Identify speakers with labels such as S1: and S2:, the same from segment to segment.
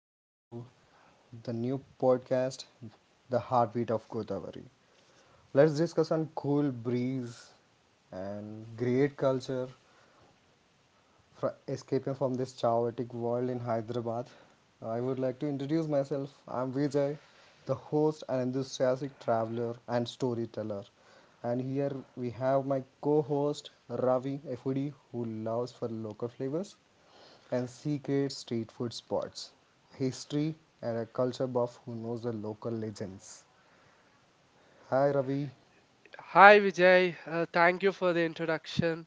S1: Welcome to the new podcast, The Heartbeat of Godavari. Let's discuss on cool breeze and great culture escaping from this chaotic world in Hyderabad. I would like to introduce myself. I'm Vijay, the host and enthusiastic traveler and storyteller. And here we have my co host Ravi, a foodie who loves for local flavors and secret street food spots, history, and a culture buff who knows the local legends. Hi, Ravi.
S2: Hi Vijay, thank you for the introduction.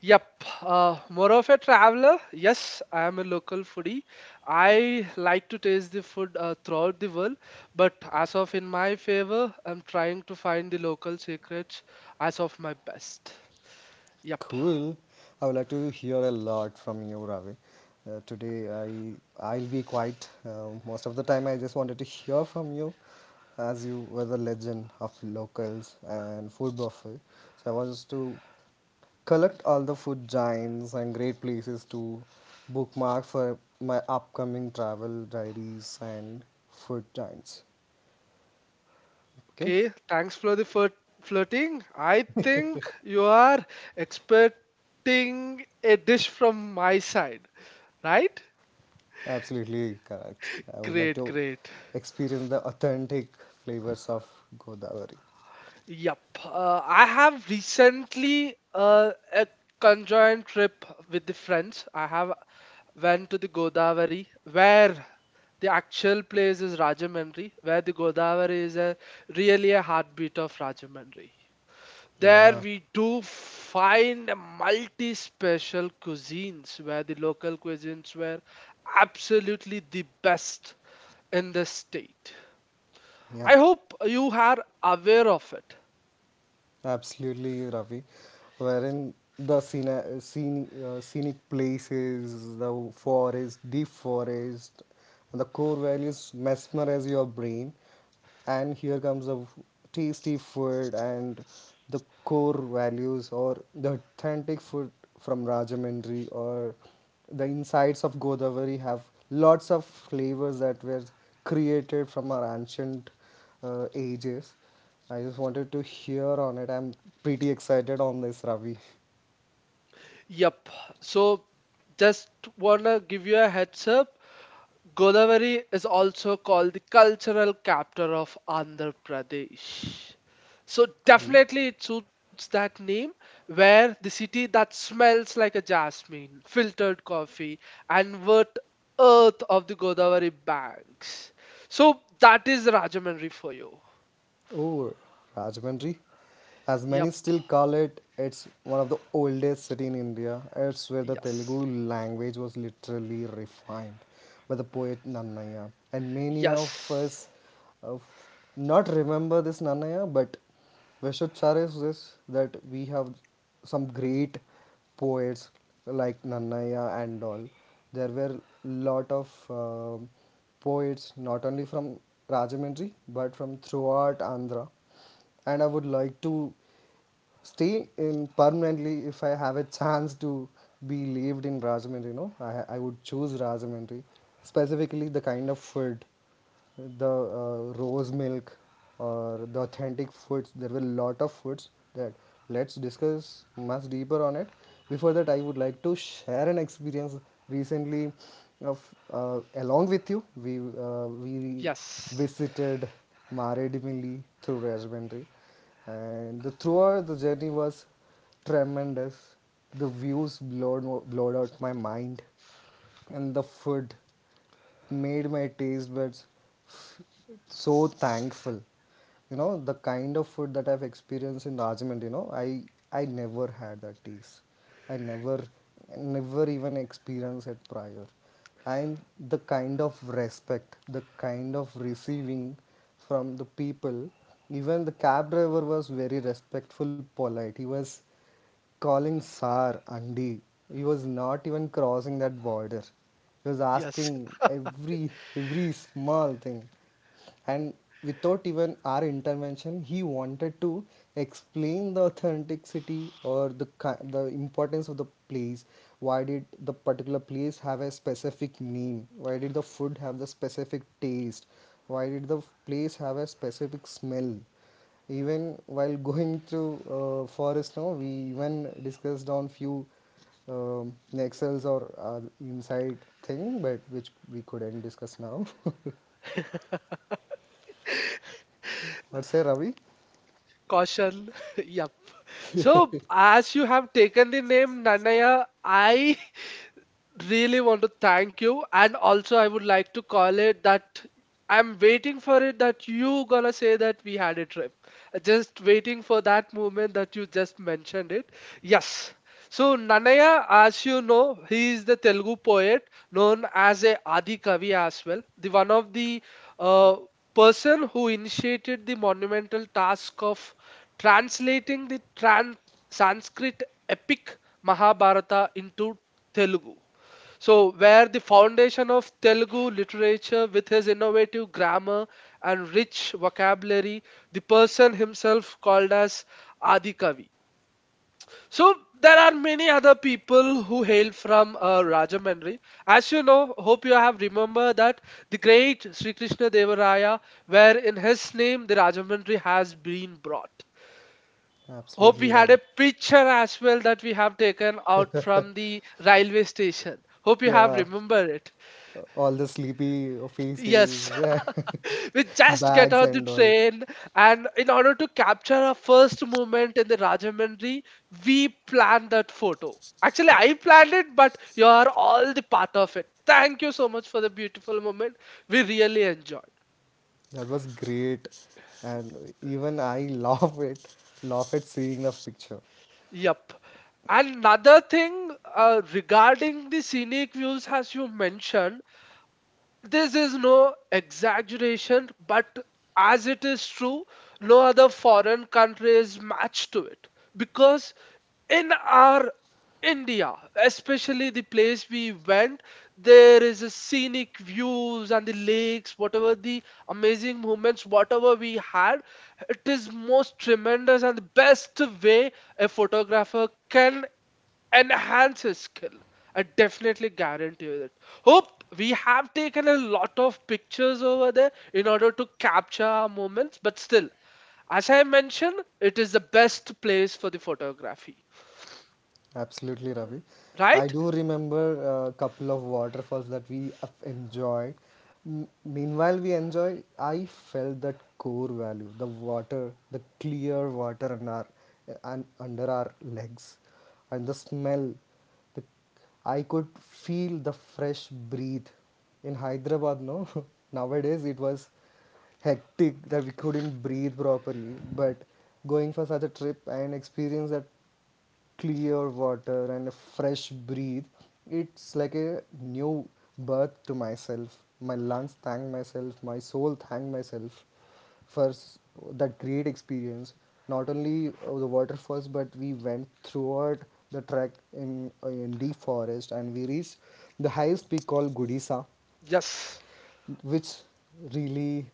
S2: Yep, more of a traveler. Yes, I am a local foodie. I like to taste the food throughout the world, but as of in my favor, I'm trying to find the local secrets as of my best. Yep.
S1: Cool. I would like to hear a lot from you, Ravi. Today I'll be quiet most of the time. I just wanted to hear from you, as you were the legend of locals and food buffet. So I was to collect all the food giants and great places to bookmark for my upcoming travel diaries and food giants. Okay.
S2: Okay, thanks for the flirting. I think you are expecting a dish from my side, right?
S1: Absolutely correct. I would like
S2: Great,
S1: to
S2: great.
S1: experience the authentic flavors of Godavari.
S2: Yep. I have recently a conjoined trip with the friends. I have went to the Godavari, where the actual place is Rajahmundry, where the Godavari is a really a heartbeat of Rajahmundry. There
S1: Yeah,
S2: we do find multi-special cuisines where the local cuisines were absolutely the best in the state.
S1: yeah.
S2: I hope you are aware of it.
S1: Absolutely, Ravi. Wherein the scenic places, the forest, deep forest, and the core values mesmerize your brain. And here comes the tasty food and the core values or the authentic food from Rajahmundry or the insides of Godavari have lots of flavors that were created from our ancient ages. I just wanted to hear on it. I'm pretty excited on this, Ravi.
S2: Yep. So just wanna give you a heads up. Godavari is also called the cultural capital of Andhra Pradesh. So
S1: Cool.
S2: definitely it suits that name where the city that smells like a jasmine, filtered coffee and wet earth of the Godavari banks. So that is Rajamundry for you.
S1: Oh, Rajmandri, as many
S2: Yep.
S1: still call it, it's one of the oldest city in India. It's where the Telugu
S2: Yes.
S1: language was literally refined by the poet Nannaya. And many of us
S2: Yes.
S1: uh, not remember this Nannaya, but we should cherish this that we have some great poets like Nannaya and all. There were lot of poets not only from Rajahmundry but from throughout Andhra, and I would like to stay in permanently if I have a chance to be lived in Rajahmundry. You know, I would choose Rajahmundry, specifically the kind of food, the rose milk, or the authentic foods. There were a lot of foods that let's discuss much deeper on it. Before that, I would like to share an experience recently of along with you. We we
S2: Yes.
S1: visited Maredipilli through Rajahmundry. And the throughout the journey was tremendous. The views blowed out my mind, and the food made my taste buds so thankful. You know, the kind of food that I've experienced in Rajahmundry, I never had that taste. I never, even experienced it prior. And the kind of respect, the kind of receiving from the people, even the cab driver was very respectful, polite. He was calling Sar Andy. He was not even crossing that border. He was
S2: Yes.
S1: asking every small thing. And without even our intervention, he wanted to explain the authenticity or the the importance of the place. Why did the particular place have a specific name? Why did the food have the specific taste? Why did the place have a specific smell? Even while going to forest, no, we even discussed on few nexels or inside thing, but which we couldn't discuss now. What say, Ravi?
S2: Caution. Yep. So, as you have taken the name Nanaya, I really want to thank you, and also I would like to call it that I'm waiting for it, that you gonna say that we had a trip. Just waiting for that moment that you just mentioned it. Yes. So Nanaya, as you know, he is the Telugu poet, known as a Adi Kavi as well, the one of the uh, person who initiated the monumental task of translating the trans Sanskrit epic Mahabharata into Telugu. So, where the foundation of Telugu literature with his innovative grammar and rich vocabulary, the person himself called as Adikavi. So, there are many other people who hail from Rajamandri. As you know, hope you have remember that the great Sri Krishna Devaraya, where in his name the Rajamandri has been brought. Hope
S1: Absolutely,
S2: we had
S1: Ravi.
S2: a picture as well that we have taken out from the railway station. Hope you have
S1: Yeah,
S2: remembered it.
S1: all the sleepy faces,
S2: Yes, we just get
S1: bags
S2: on the
S1: and all.
S2: train, and in order to capture our first moment in the Rajahmundry, we planned that photo. Actually, I planned it, but you are all the part of it. Thank you so much for the beautiful moment. We really enjoyed.
S1: That was great, and even I laugh at seeing the picture.
S2: Yep. Another thing regarding the scenic views, as you mentioned, this is no exaggeration, but as it is true, no other foreign country is matched to it. Because in our India, especially the place we went, there is a scenic views and the lakes, whatever the amazing moments, whatever we had, it is most tremendous and the best way a photographer can enhance his skill. I definitely guarantee you that. Hope we have taken a lot of pictures over there in order to capture our moments, but still, as I mentioned, it is the best place for the photography,
S1: Absolutely, Ravi. I
S2: right?
S1: do remember a couple of waterfalls that we have enjoyed. Meanwhile, we enjoy. I felt that core value, the clear water on our and under our legs, and the smell. The, I could feel the fresh breath. In Hyderabad, no, nowadays it was hectic that we couldn't breathe properly. But going for such a trip and experience that clear water and a fresh breathe, it's like a new birth to myself. My lungs thank myself, my soul thank myself for that great experience. Not only the waterfalls, but we went throughout the trek in in deep forest, and we reached the highest peak called Gudisa,
S2: Yes.
S1: which really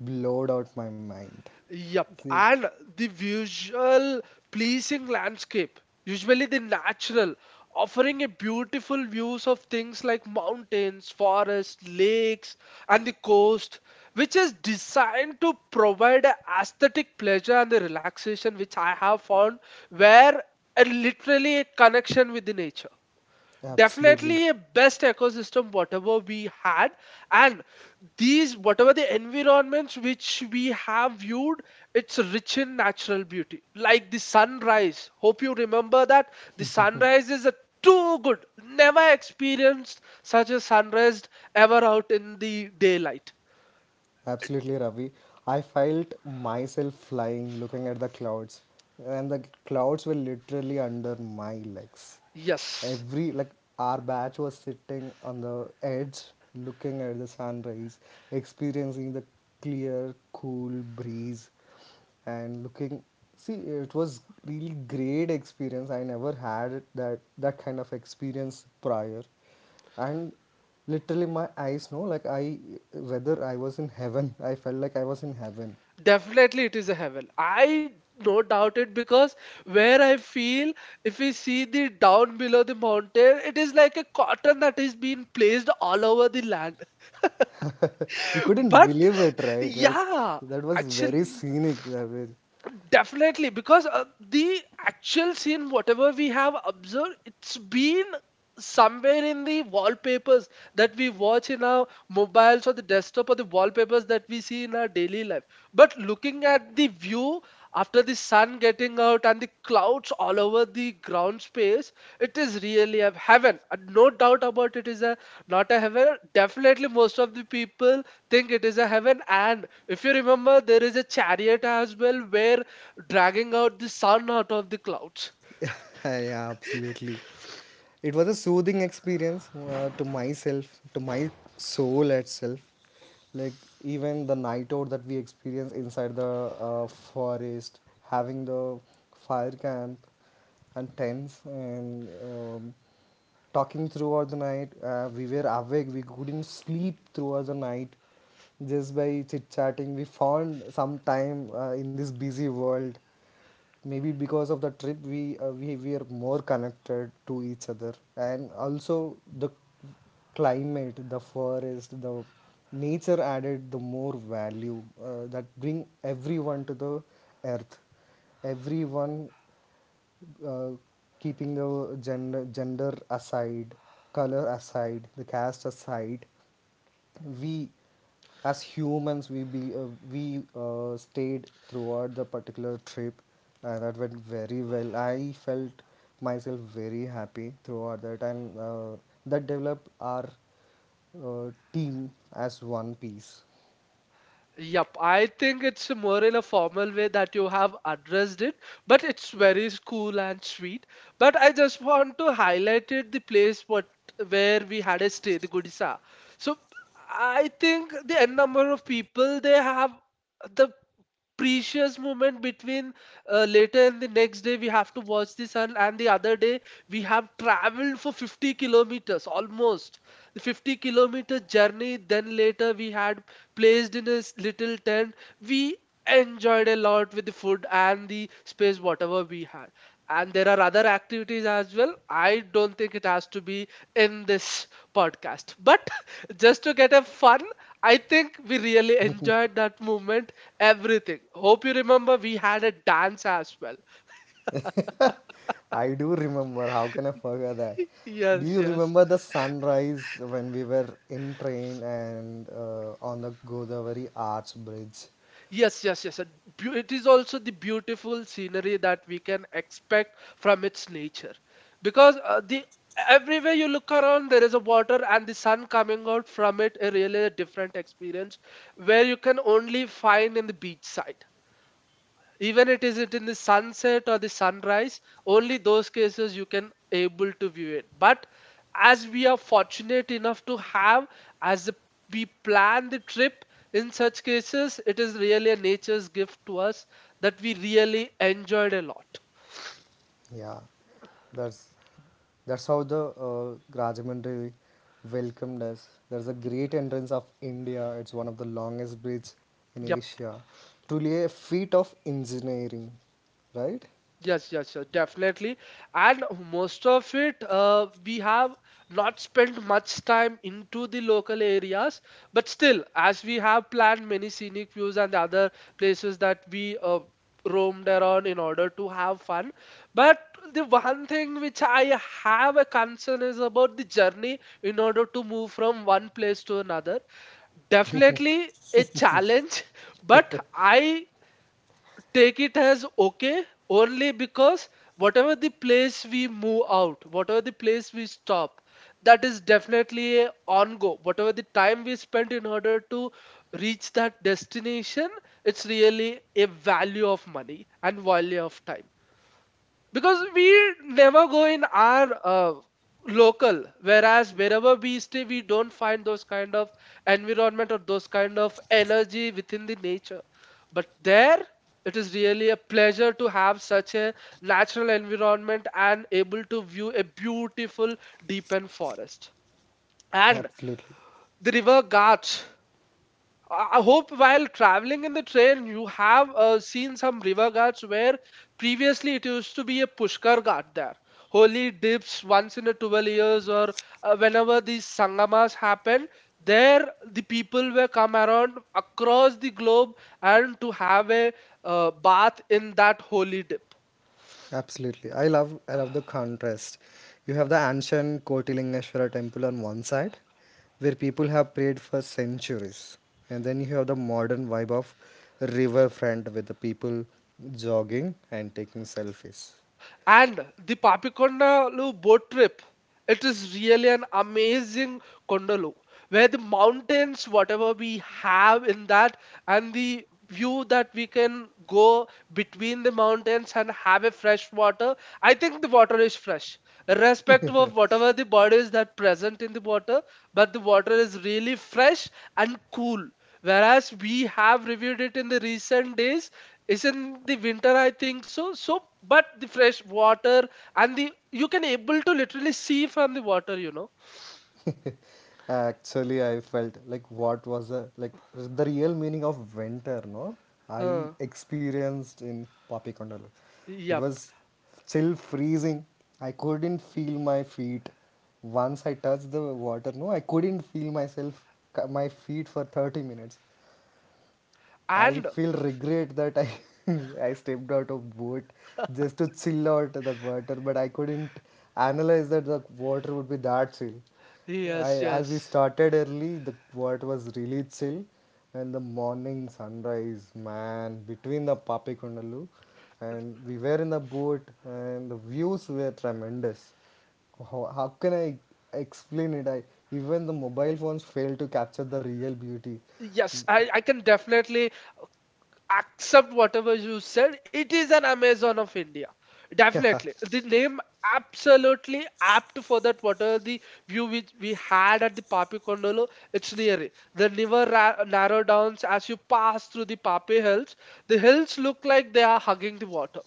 S1: blowed out my mind.
S2: Yep,
S1: See,
S2: and the visual pleasing landscape, usually the natural, offering a beautiful views of things like mountains, forests, lakes, and the coast, which is designed to provide a aesthetic pleasure and the relaxation which I have found where a literally a connection with the nature.
S1: absolutely.
S2: Definitely a best ecosystem whatever we had, and these whatever the environments which we have viewed, it's rich in natural beauty like the sunrise. Hope you remember that the sunrise is a too good, never experienced such a sunrise ever out in the daylight.
S1: Absolutely, Ravi. I felt myself flying, looking at the clouds, and the clouds were literally under my legs.
S2: Yes.
S1: Every like our batch was sitting on the edge, looking at the sunrise, experiencing the clear, cool breeze, and looking, see, it was really great experience. I never had that kind of experience prior. And literally my eyes, no, like I, whether I was in heaven, I felt like I was in heaven.
S2: Definitely, it is a heaven. I no doubt it, because where I feel if we see the down below the mountain, it is like a cotton that is being placed all over the land.
S1: We couldn't
S2: But
S1: believe it, right? Like,
S2: yeah,
S1: that was very
S2: actually.
S1: scenic. That was
S2: Definitely, because the actual scene, whatever we have observed, it's been somewhere in the wallpapers that we watch in our mobiles or the desktop or the wallpapers that we see in our daily life. But looking at the view after the sun getting out and the clouds all over the ground space, it is really a heaven. No doubt about it is a not a heaven. Definitely, most of the people think it is a heaven, and if you remember, there is a chariot as well where dragging out the sun out of the clouds.
S1: yeah, absolutely. It was a soothing experience to myself, to my soul itself. Like, even the night out that we experience inside the forest, having the fire camp and tents and talking throughout the night. We were awake. We couldn't sleep throughout the night. Just by chit chatting, we found some time in this busy world, maybe because of the trip we we were more connected to each other. And also the climate, the forest, the nature added the more value, that bring everyone to the earth, everyone uh, keeping the gender aside, color aside, the caste aside, we as humans we be, we stayed throughout the particular trip, and that went very well. I felt myself very happy throughout that, and that developed our team as one piece.
S2: Yep, I think it's more in a formal way that you have addressed it, but it's very cool and sweet. But I just want to highlight it the place what where we had a stay, the Gudisa. So I think the n number of people they have the precious moment between later and the next day we have to watch the sun, and the other day we have traveled for 50 kilometers, almost the 50-kilometer journey, then later we had placed in a little tent. We enjoyed a lot with the food and the space whatever we had, and there are other activities as well. I don't think it has to be in this podcast, but just to get a fun, I think we really enjoyed that moment. Everything. Hope you remember we had a dance as well.
S1: I do remember. How can I forget that? Do
S2: Yes,
S1: you
S2: yes.
S1: remember the sunrise when we were in train, and on the Godavari arch bridge?
S2: Yes, yes, yes. It is also the beautiful scenery that we can expect from its nature. Because the everywhere you look around, there is a water and the sun coming out from it, a really a different experience where you can only find in the beach side. Even it is it in the sunset or the sunrise, only those cases you can able to view it. But as we are fortunate enough to have, as the- we plan the trip, in such cases it is really a nature's gift to us that we really enjoyed a lot.
S1: Yeah, that's that's how the Rajahmundry welcomed us. There's a great entrance of India. It's one of the longest bridge in
S2: Yep.
S1: Asia. Truly a feat of engineering, right?
S2: Yes, yes, yes, definitely. And most of it, we have not spent much time into the local areas, but still, as we have planned many scenic views and other places that we roamed around in order to have fun. But the one thing which I have a concern is about the journey in order to move from one place to another. Definitely a challenge, but I take it as okay, only because whatever the place we move out, whatever the place we stop, that is definitely a on go. Whatever the time we spent in order to reach that destination, it's really a value of money and value of time, because we never go in our local whereas wherever we stay we don't find those kind of environment or those kind of energy within the nature. But there it is really a pleasure to have such a natural environment and able to view a beautiful deepen forest and
S1: Absolutely,
S2: the river ghats. I hope while traveling in the train, you have seen some river ghats where previously it used to be a Pushkar ghat there. Holy dips once in a 12 years or whenever these Sangamas happen, there the people were come around across the globe and to have a bath in that holy dip.
S1: absolutely. I love the contrast. You have the ancient Kotilingeshwara temple on one side, where people have prayed for centuries, and then you have the modern vibe of riverfront with the people jogging and taking selfies.
S2: And the Papikondalu boat trip, it is really an amazing Kondalu, where the mountains, whatever we have in that, and the view that we can go between the mountains and have a fresh water. I think the water is fresh, irrespective of whatever the bodies that present in the water, but the water is really fresh and cool. Whereas we have reviewed it in the recent days, is in the winter, I think so. So but the fresh water and the you can able to literally see from the water, you know.
S1: Actually, I felt like what was a, like the real meaning of winter, no? I
S2: Huh.
S1: experienced in Papikondalu. It
S2: Yep.
S1: was still freezing. I couldn't feel my feet. Once I touched the water, no, I couldn't feel myself, my feet for 30 minutes. I
S2: And
S1: feel regret that I I stepped out of boat just to chill out that water, but I couldn't analyze that the water would be that chill. I
S2: yes,
S1: As we
S2: yes,
S1: started early, the water was really chill, and the morning sunrise, man, between the Papikondalu, and we were in the boat, and the views were tremendous. How can I explain it? I Even the mobile phones failed to capture the real beauty.
S2: yes, I can definitely accept whatever you said. It is an Amazon of India. Definitely. The name absolutely apt for that. Whatever the view which we had at the Papi Kondolo, it's near it. The narrow downs as you pass through the Papi Hills. The hills look like they are hugging the water.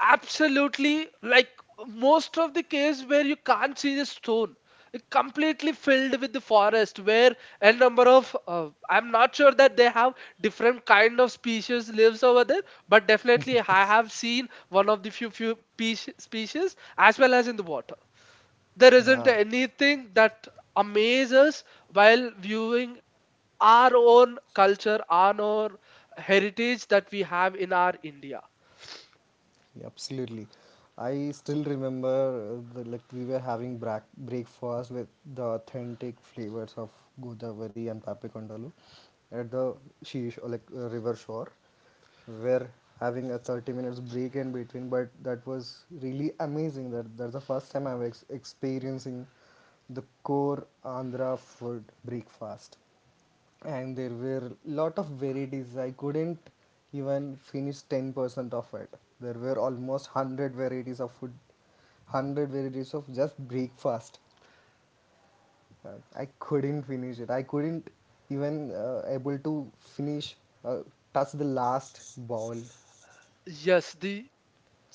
S2: Absolutely, like most of the case where you can't see the stone, it completely filled with the forest. Where a number of I'm not sure that they have different kind of species lives over there, but definitely I have seen one of the few species as well as in the water. There isn't
S1: Yeah.
S2: anything that amazes while viewing our own culture, our own heritage that we have in our India.
S1: Yeah, absolutely. I still remember like we were having breakfast with the authentic flavors of Godavari and Papikondalu at the she like river shore. We were having a 30 minutes break in between, but that was really amazing. That's the first time I'm experiencing the core Andhra food breakfast, and there were lot of varieties. I couldn't even finish 10% of it. There were almost 100 varieties of food, 100 varieties of just breakfast. Uh, I couldn't finish it. I couldn't even, able to finish, uh, touch the last bowl.
S2: Yes, the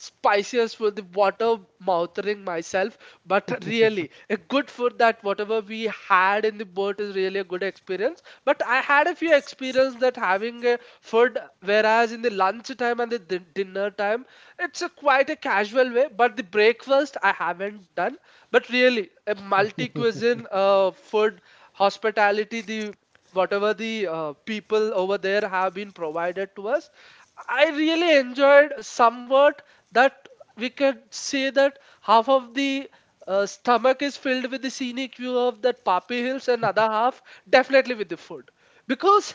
S2: spiciest with the water mouthing myself, but really a good food that whatever we had in the boat is really a good experience. But I had a few experience that having a food, whereas in the lunch time and the dinner time, it's a quite a casual way, but the breakfast I haven't done. But really a multi cuisine food hospitality, the whatever the people over there have been provided to us, I really enjoyed somewhat that we can say that half of the stomach is filled with the scenic view of that Papi Hills, and other half definitely with the food. Because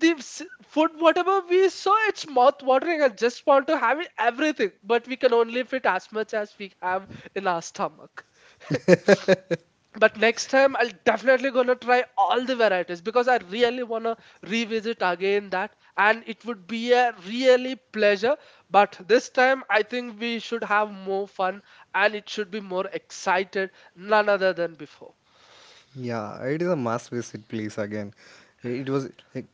S2: the food, whatever we saw, it's mouth watering. I just want to have it, everything, but we can only fit as much as we have in our stomach. But next time I'll definitely gonna try all the varieties because I really wanna revisit again that, and it would be a really pleasure. But this time I think we should have more fun, and it should be more excited none other than before.
S1: Yeah, it is a must visit place again. It was like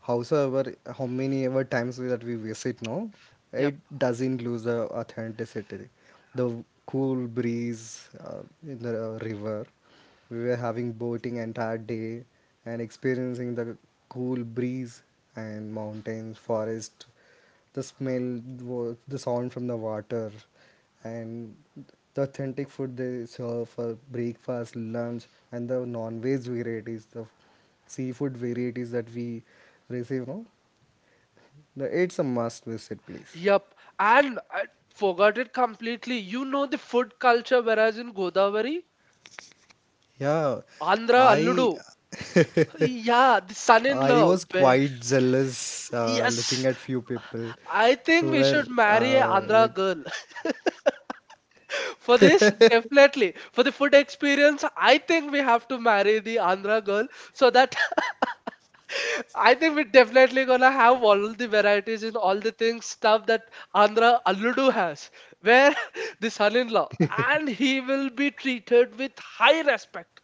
S1: howsoever how many ever times that we visit now,
S2: Yep.
S1: it doesn't lose the authenticity. The cool breeze in the river. We were having boating entire day and experiencing the cool breeze and mountains, forest, the smell, the sound from the water, and the authentic food they serve for breakfast, lunch, and the non-veg varieties, the seafood varieties that we receive. No, it's a must visit place.
S2: Yep. And I forgot it completely, you know, the food culture whereas in Godavari
S1: Yeah,
S2: Andhra Alludu.
S1: I
S2: Yeah, the
S1: I
S2: son-in-law.
S1: was
S2: Where?
S1: quite jealous looking
S2: Yes,
S1: at few people
S2: I think
S1: who
S2: we
S1: were
S2: should marry an
S1: uh,
S2: Andhra
S1: like
S2: girl. For this, definitely. For the food experience, I think we have to marry the Andhra girl, so that I think we're definitely gonna have all the varieties in all the things stuff that Andhra Alludu has, where the son-in-law and he will be treated with high respect,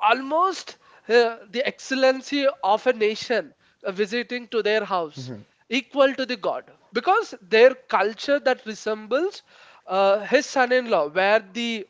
S2: almost the excellency of a nation visiting to their house, equal to the god, because their culture that resembles his son-in-law, where the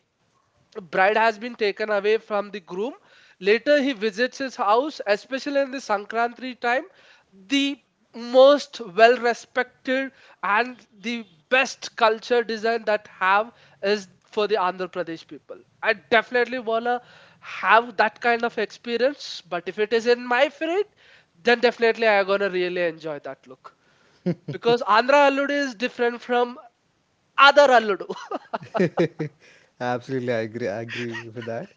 S2: bride has been taken away from the groom. Later, he visits his house, especially in the Sankranti time. The most well respected and the best culture design that have is for the Andhra Pradesh people. I definitely wanna have that kind of experience, but if it is in my fridge, then definitely I gonna really enjoy that look, because Andhra allude is different from other allude.
S1: Absolutely, I agree. I agree with that.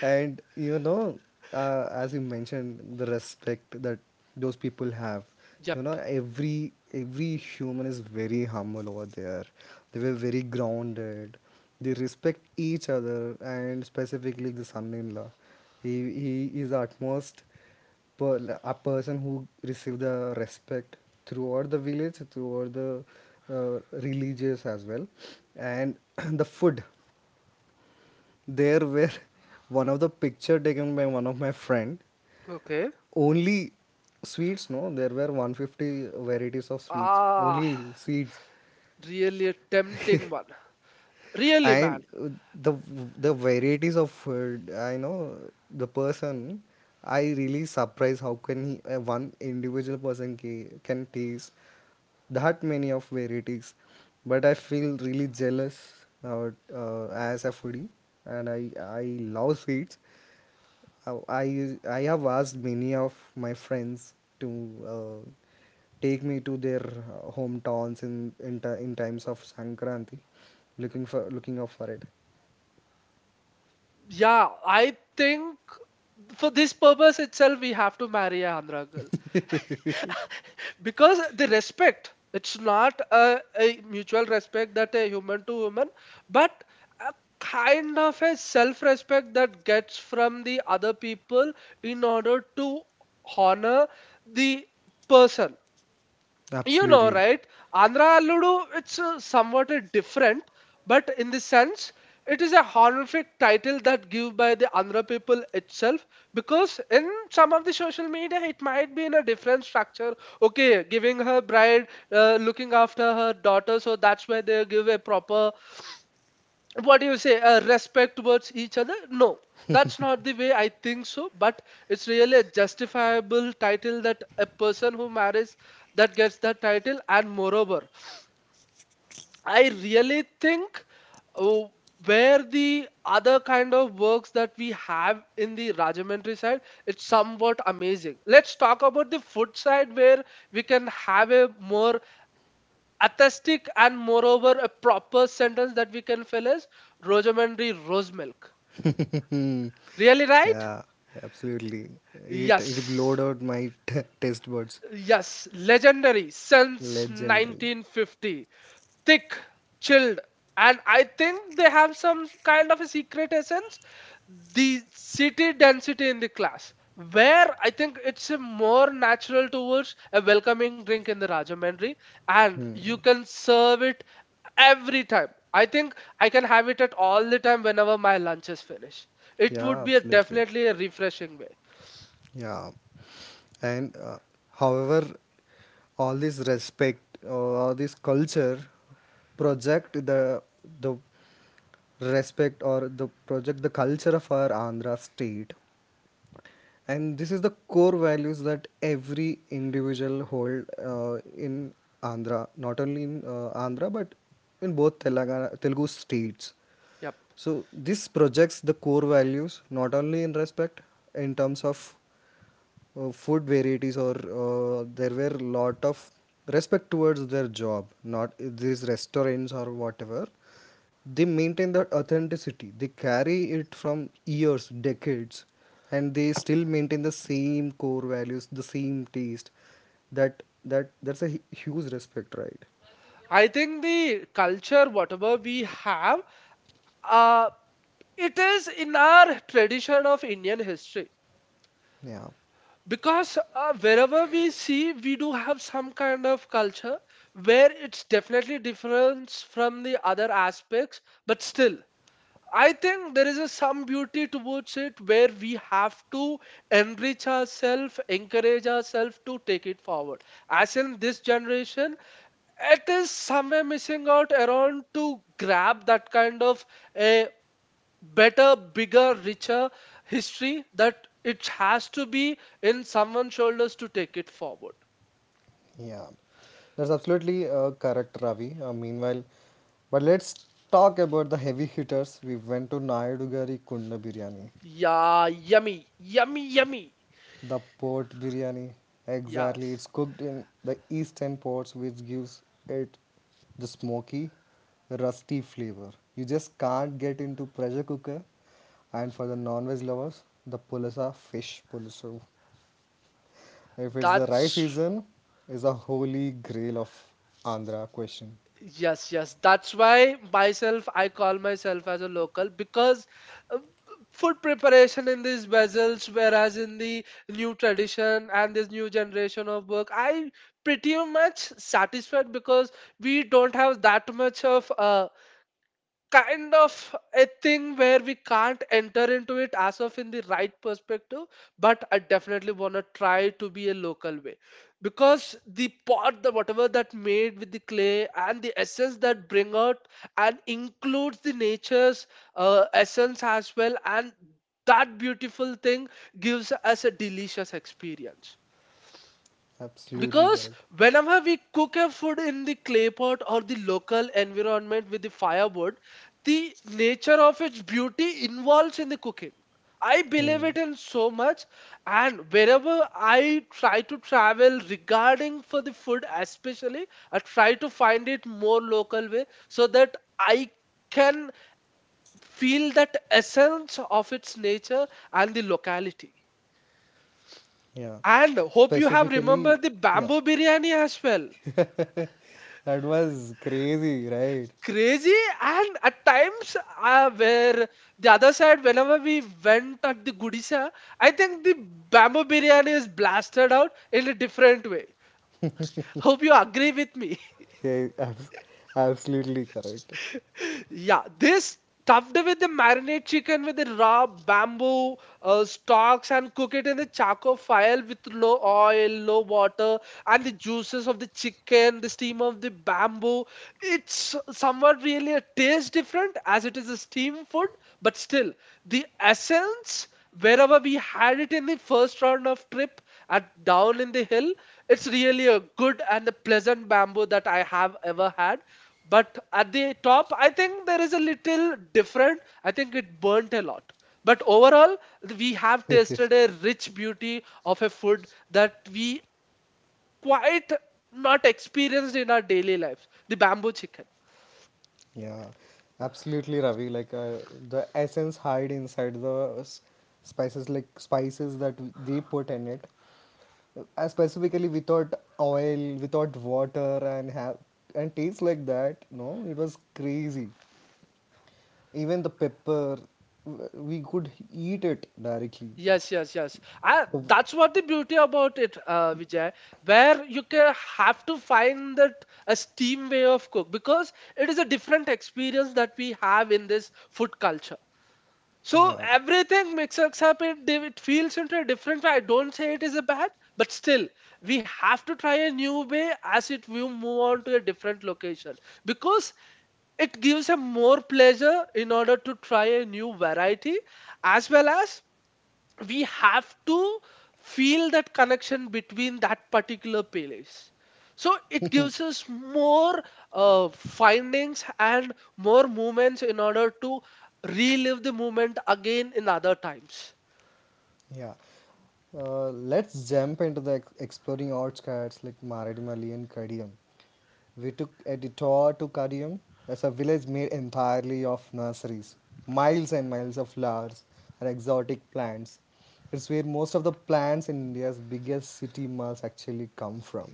S1: And, as you mentioned, the respect that those people have. You know,
S2: Yep.
S1: every human is very humble over there. They were very grounded. They respect each other, and specifically the son-in-law. He he is utmost, like, a person who receive the respect throughout the village, throughout the uh, religious as well. And the food, there were one of the picture taken by one of my friend,
S2: Okay.
S1: only sweets, no, there were 150 varieties of sweets,
S2: Ah.
S1: only sweets.
S2: Really a tempting one. Really,
S1: And
S2: man.
S1: the varieties of food, I know the person. I really surprised how can he, one individual person, can taste that many of varieties. But I feel really jealous about, as a foodie, and I love sweets. How I have asked many of my friends to uh, take me to their hometowns, in in times of Sankranti, looking out for it.
S2: Yeah, I think for this purpose itself, we have to marry a Andhra girl, because the respect. It's not a, a mutual respect that a human to human, but a kind of a self-respect that gets from the other people in order to honor the person. You know,
S1: Absolutely.
S2: right? Andhra Alludu. It's somewhat different, but in the sense it is a honorific title that given by the Andhra people itself, because in some of the social media it might be in a different structure. Okay, giving her bride, looking after her daughter, so that's why they give a proper, what do you say, respect towards each other, no? That's not the way I think so, but it's really a justifiable title that a person who marries that gets that title. And moreover, I really think, uh, where the other kind of works that we have in the Rajamentry side, it's somewhat amazing. Let's talk about the food side where we can have a more atheistic, and moreover a proper sentence that we can fill as Rajamentry rose milk. Really, right?
S1: Yeah, absolutely. It blowed
S2: Yes.
S1: out my taste buds.
S2: Yes. Legendary since
S1: Legendary.
S2: 1950. Thick, chilled, and I think they have some kind of a secret essence. The city density in the class. Where I think it's a more natural towards a welcoming drink in the Rajamandry, and you can serve it every time. I think I can have it at all the time whenever my lunch is finished. It would
S1: Yeah,
S2: be a
S1: absolutely.
S2: definitely a refreshing way.
S1: Yeah. And however, all this respect or all this culture project the respect or the project the culture of our Andhra state. And this is the core values that every individual hold in Andhra, not only in Andhra but in both Telangana, Telugu states.
S2: Yep.
S1: So this projects the core values not only in respect in terms of food varieties or there were lot of respect towards their job not these restaurants or whatever they maintain that authenticity they carry it from years decades and they still maintain the same core values the same taste that that's a huge respect, right?
S2: I think the culture, whatever we have, uh, it is in our tradition of Indian history.
S1: Yeah,
S2: Because wherever we see, we do have some kind of culture where it's definitely different from the other aspects, but still, I think there is a some beauty towards it where we have to enrich ourselves, encourage ourselves to take it forward. As in this generation, it is somewhere missing out around to grab that kind of a better, bigger, richer history that it has to be in someone's shoulders to take it forward.
S1: yeah, that's absolutely correct, Ravi. Meanwhile, but let's talk about the heavy hitters. We went to nayadugari kunda biryani.
S2: Yeah, yummy, yummy, yummy.
S1: The port biryani, exactly. It's
S2: Yes,
S1: cooked in the eastern ports, which gives it the smoky, rusty flavor. You just can't get into pressure cooker. And for the non-veg lovers, the pulasa fish pulasu. If it's the right
S2: that's
S1: season, is a holy grail of Andhra question.
S2: yes, yes. That's why myself, I call myself as a local, because uh, food preparation in these vessels, whereas in the new tradition and this new generation of work, I pretty much satisfied, because we don't have that much of kind of a thing where we can't enter into it as of in the right perspective. But I definitely want to try to be a local way, because the pot, the whatever that made with the clay and the essence that bring out, and includes the nature's essence as well, and that beautiful thing gives us a delicious experience.
S1: Absolutely
S2: Because
S1: correct.
S2: whenever we cook a food in the clay pot or the local environment with the firewood, the nature of its beauty involves in the cooking. I believe
S1: Hmm,
S2: it in so much. And wherever I try to travel regarding for the food especially, I try to find it more local way, so that I can feel that essence of its nature and the locality.
S1: yeah.
S2: And hope you have
S1: Specifically,
S2: remembered the
S1: yeah.
S2: bamboo biryani as well.
S1: That was crazy, right?
S2: Crazy. And at times where the other side, whenever we went at the Gudisa, I think the bamboo biryani is blasted out in a different way. Hope you agree with me.
S1: Yeah, absolutely correct.
S2: Yeah, this stuffed with the marinate chicken with the raw bamboo stalks, and cook it in the charcoal fire with no oil, no water, and the juices of the chicken, the steam of the bamboo. It's somewhat really a taste different as it is a steam food, but still the essence, wherever we had it in the first round of trip at down in the hill, it's really a good and a pleasant bamboo that I have ever had. But at the top, I think there is a little different. I think it burnt a lot. But overall, we have tasted a rich beauty of a food that we quite not experienced in our daily lives. The bamboo chicken.
S1: Yeah, absolutely, Ravi. Like the essence hide inside the spices, like spices that they put in it. Specifically, without oil, without water, and have and taste like that. No, it was crazy. Even the pepper, we could eat it directly.
S2: Yes, yes, yes. Ah,
S1: Oh,
S2: that's what the beauty about it, Vijay, where you can have to find that a steam way of cook, because it is a different experience that we have in this food culture. So
S1: yeah,
S2: everything mixes up. It it feels into a different way. I don't say it is a bad, but still we have to try a new way as it we move on to a different location, because it gives a more pleasure in order to try a new variety, as well as we have to feel that connection between that particular playlist. So it gives us more findings and more moments in order to relive the moment again in other times.
S1: yeah. Let's jump into the exploring outskirts like Maradimali and Kadiam. We took a detour to Kadiam. It's a village made entirely of nurseries, miles and miles of flowers and exotic plants. It's where most of the plants in India's biggest city must actually come from.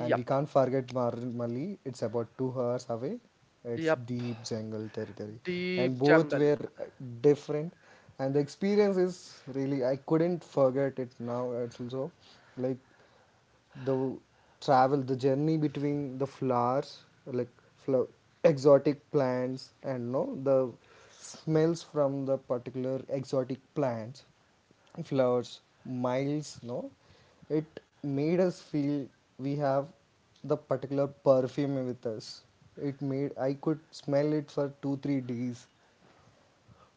S1: And we can't forget Marumali, it's about 2 hours away. It's
S2: yep.
S1: deep jungle territory. And
S2: Deep
S1: both
S2: jungle.
S1: were different. And the experience is really, I couldn't forget it now. It's also like the travel, the journey between the flowers, like flow, exotic plants, and no, the smells from the particular exotic plants flowers, miles, no? It made us feel we have the particular perfume with us. It made I could smell it for two, 3 days.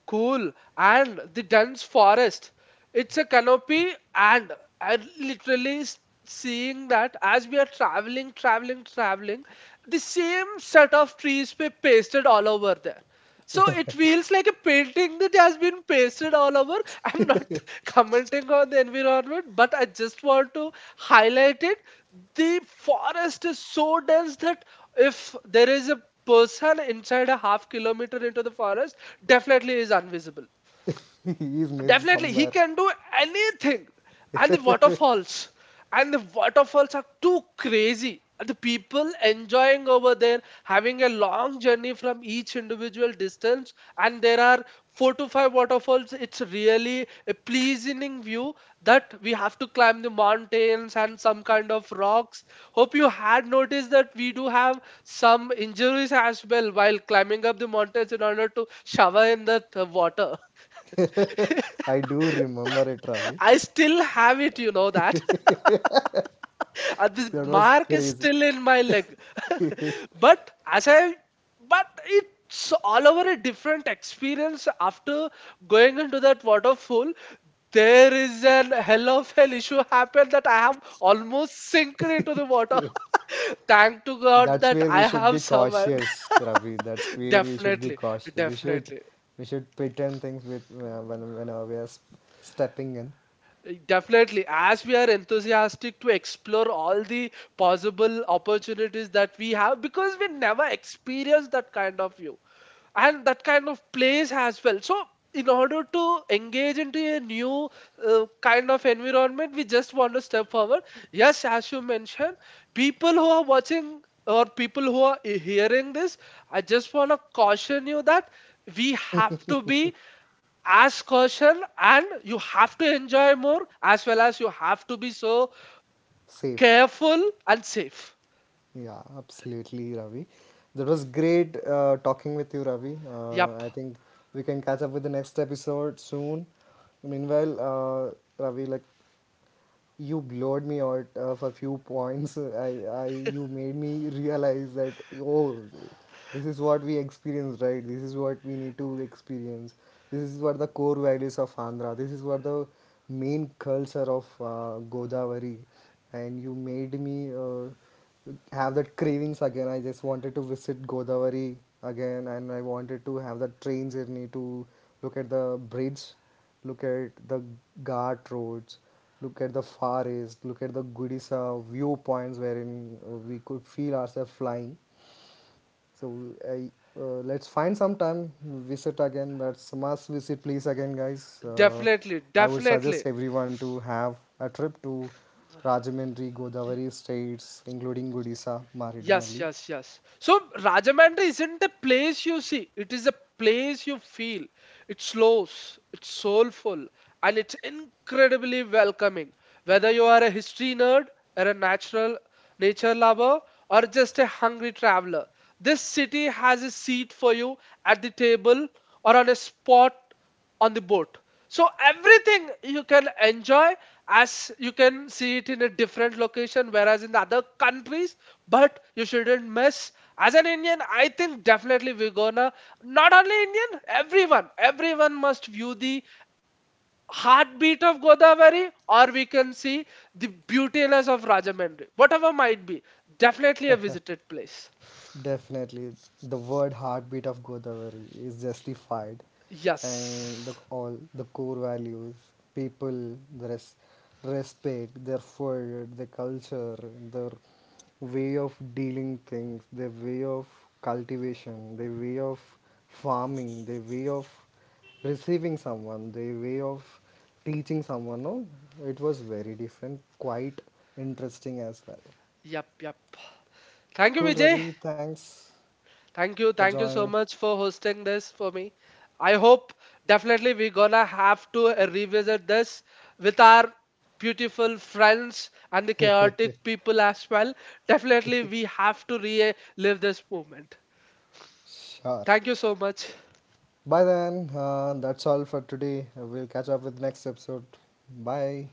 S2: Cool. And the dense forest. It's a canopy, and I literally seeing that as we are traveling, the same set of trees were pasted all over there. So it feels like a painting that has been pasted all over. I'm not commenting on the environment, but I just want to highlight it. The forest is so dense that if there is a person inside a half kilometer into the forest, definitely is invisible.
S1: He is missing
S2: Definitely, he
S1: somewhere.
S2: can do anything. And the waterfalls. And the waterfalls are too crazy. And the people enjoying over there, having a long journey from each individual distance. And there are four to five waterfalls. It's really a pleasing view that we have to climb the mountains and some kind of rocks. Hope you had noticed that we do have some injuries as well while climbing up the mountains in order to shower in that water.
S1: I do remember it, Ravi.
S2: I still have it, you know that. And this
S1: That was
S2: mark is
S1: crazy.
S2: still in my leg. But as I, but it's all over a different experience after going into that waterfall. There is an hell of hell issue happened that I have almost sinked into the water. Thank to God
S1: That's
S2: that
S1: where
S2: I
S1: we should
S2: have
S1: be
S2: survived.
S1: cautious, Ravi. That's where we should be
S2: Definitely,
S1: cautious. We should
S2: definitely.
S1: we should pretend things with when we are stepping in
S2: Definitely, as we are enthusiastic to explore all the possible opportunities that we have, because we never experienced that kind of view and that kind of place as well. So, in order to engage into a new kind of environment, we just want to step forward. Yes, as you mentioned, people who are watching or people who are hearing this, I just want to caution you that we have to be as caution, and you have to enjoy more as well as you have to be so
S1: safe.
S2: careful and safe.
S1: Yeah, absolutely, Ravi. That was great talking with you, Ravi.
S2: Yep.
S1: I think we can catch up with the next episode soon. Meanwhile, Ravi, like you blowed me out for few points. You made me realize that oh, this is what we experience, right? This is what we need to experience. This is what the core values of Andhra. This is what the main culture of Godavari, and you made me have that cravings again. I just wanted to visit Godavari again, and I wanted to have that train journey to look at the bridge look at the Ghat roads, look at the Far East, look at the Gudisa viewpoints wherein we could feel ourselves flying. So I, let's find some time, visit again. That's a must visit please again, guys.
S2: Definitely,
S1: I would suggest
S2: definitely.
S1: everyone to have a trip to Rajahmundry, Godavari states, including Gudisa,
S2: Yes,
S1: Maridimali.
S2: yes, yes. So Rajamandry isn't a place you see, it is a place you feel. It's slow, it's soulful, and it's incredibly welcoming. Whether you are a history nerd or a natural nature lover or just a hungry traveler, this city has a seat for you at the table or on a spot on the boat. So everything you can enjoy as you can see it in a different location, whereas in the other countries, but you shouldn't miss. As an Indian, I think definitely we're gonna not only Indian, everyone, everyone must view the heartbeat of Godavari, or we can see the beautiness of Rajamandri, whatever might be. Definitely a visited place.
S1: Definitely, the word heartbeat of Godavari is justified, and the,
S2: Yes.
S1: all the core values, people, the res, respect, their food, their culture, their way of dealing things, their way of cultivation, their way of farming, their way of receiving someone, their way of teaching someone. No, it was very different, quite interesting as well.
S2: Yep. Yep. Thank you,
S1: Cool,
S2: Vijay.
S1: Ravi. Thanks
S2: Thank
S1: for
S2: you. Thank you
S1: joining.
S2: so much for hosting this for me. I hope definitely we're gonna have to revisit this with our beautiful friends and the chaotic people as well. Definitely we have to relive this moment.
S1: Sure.
S2: Thank you so much.
S1: By then, that's all for today. We'll catch up with next episode. Bye.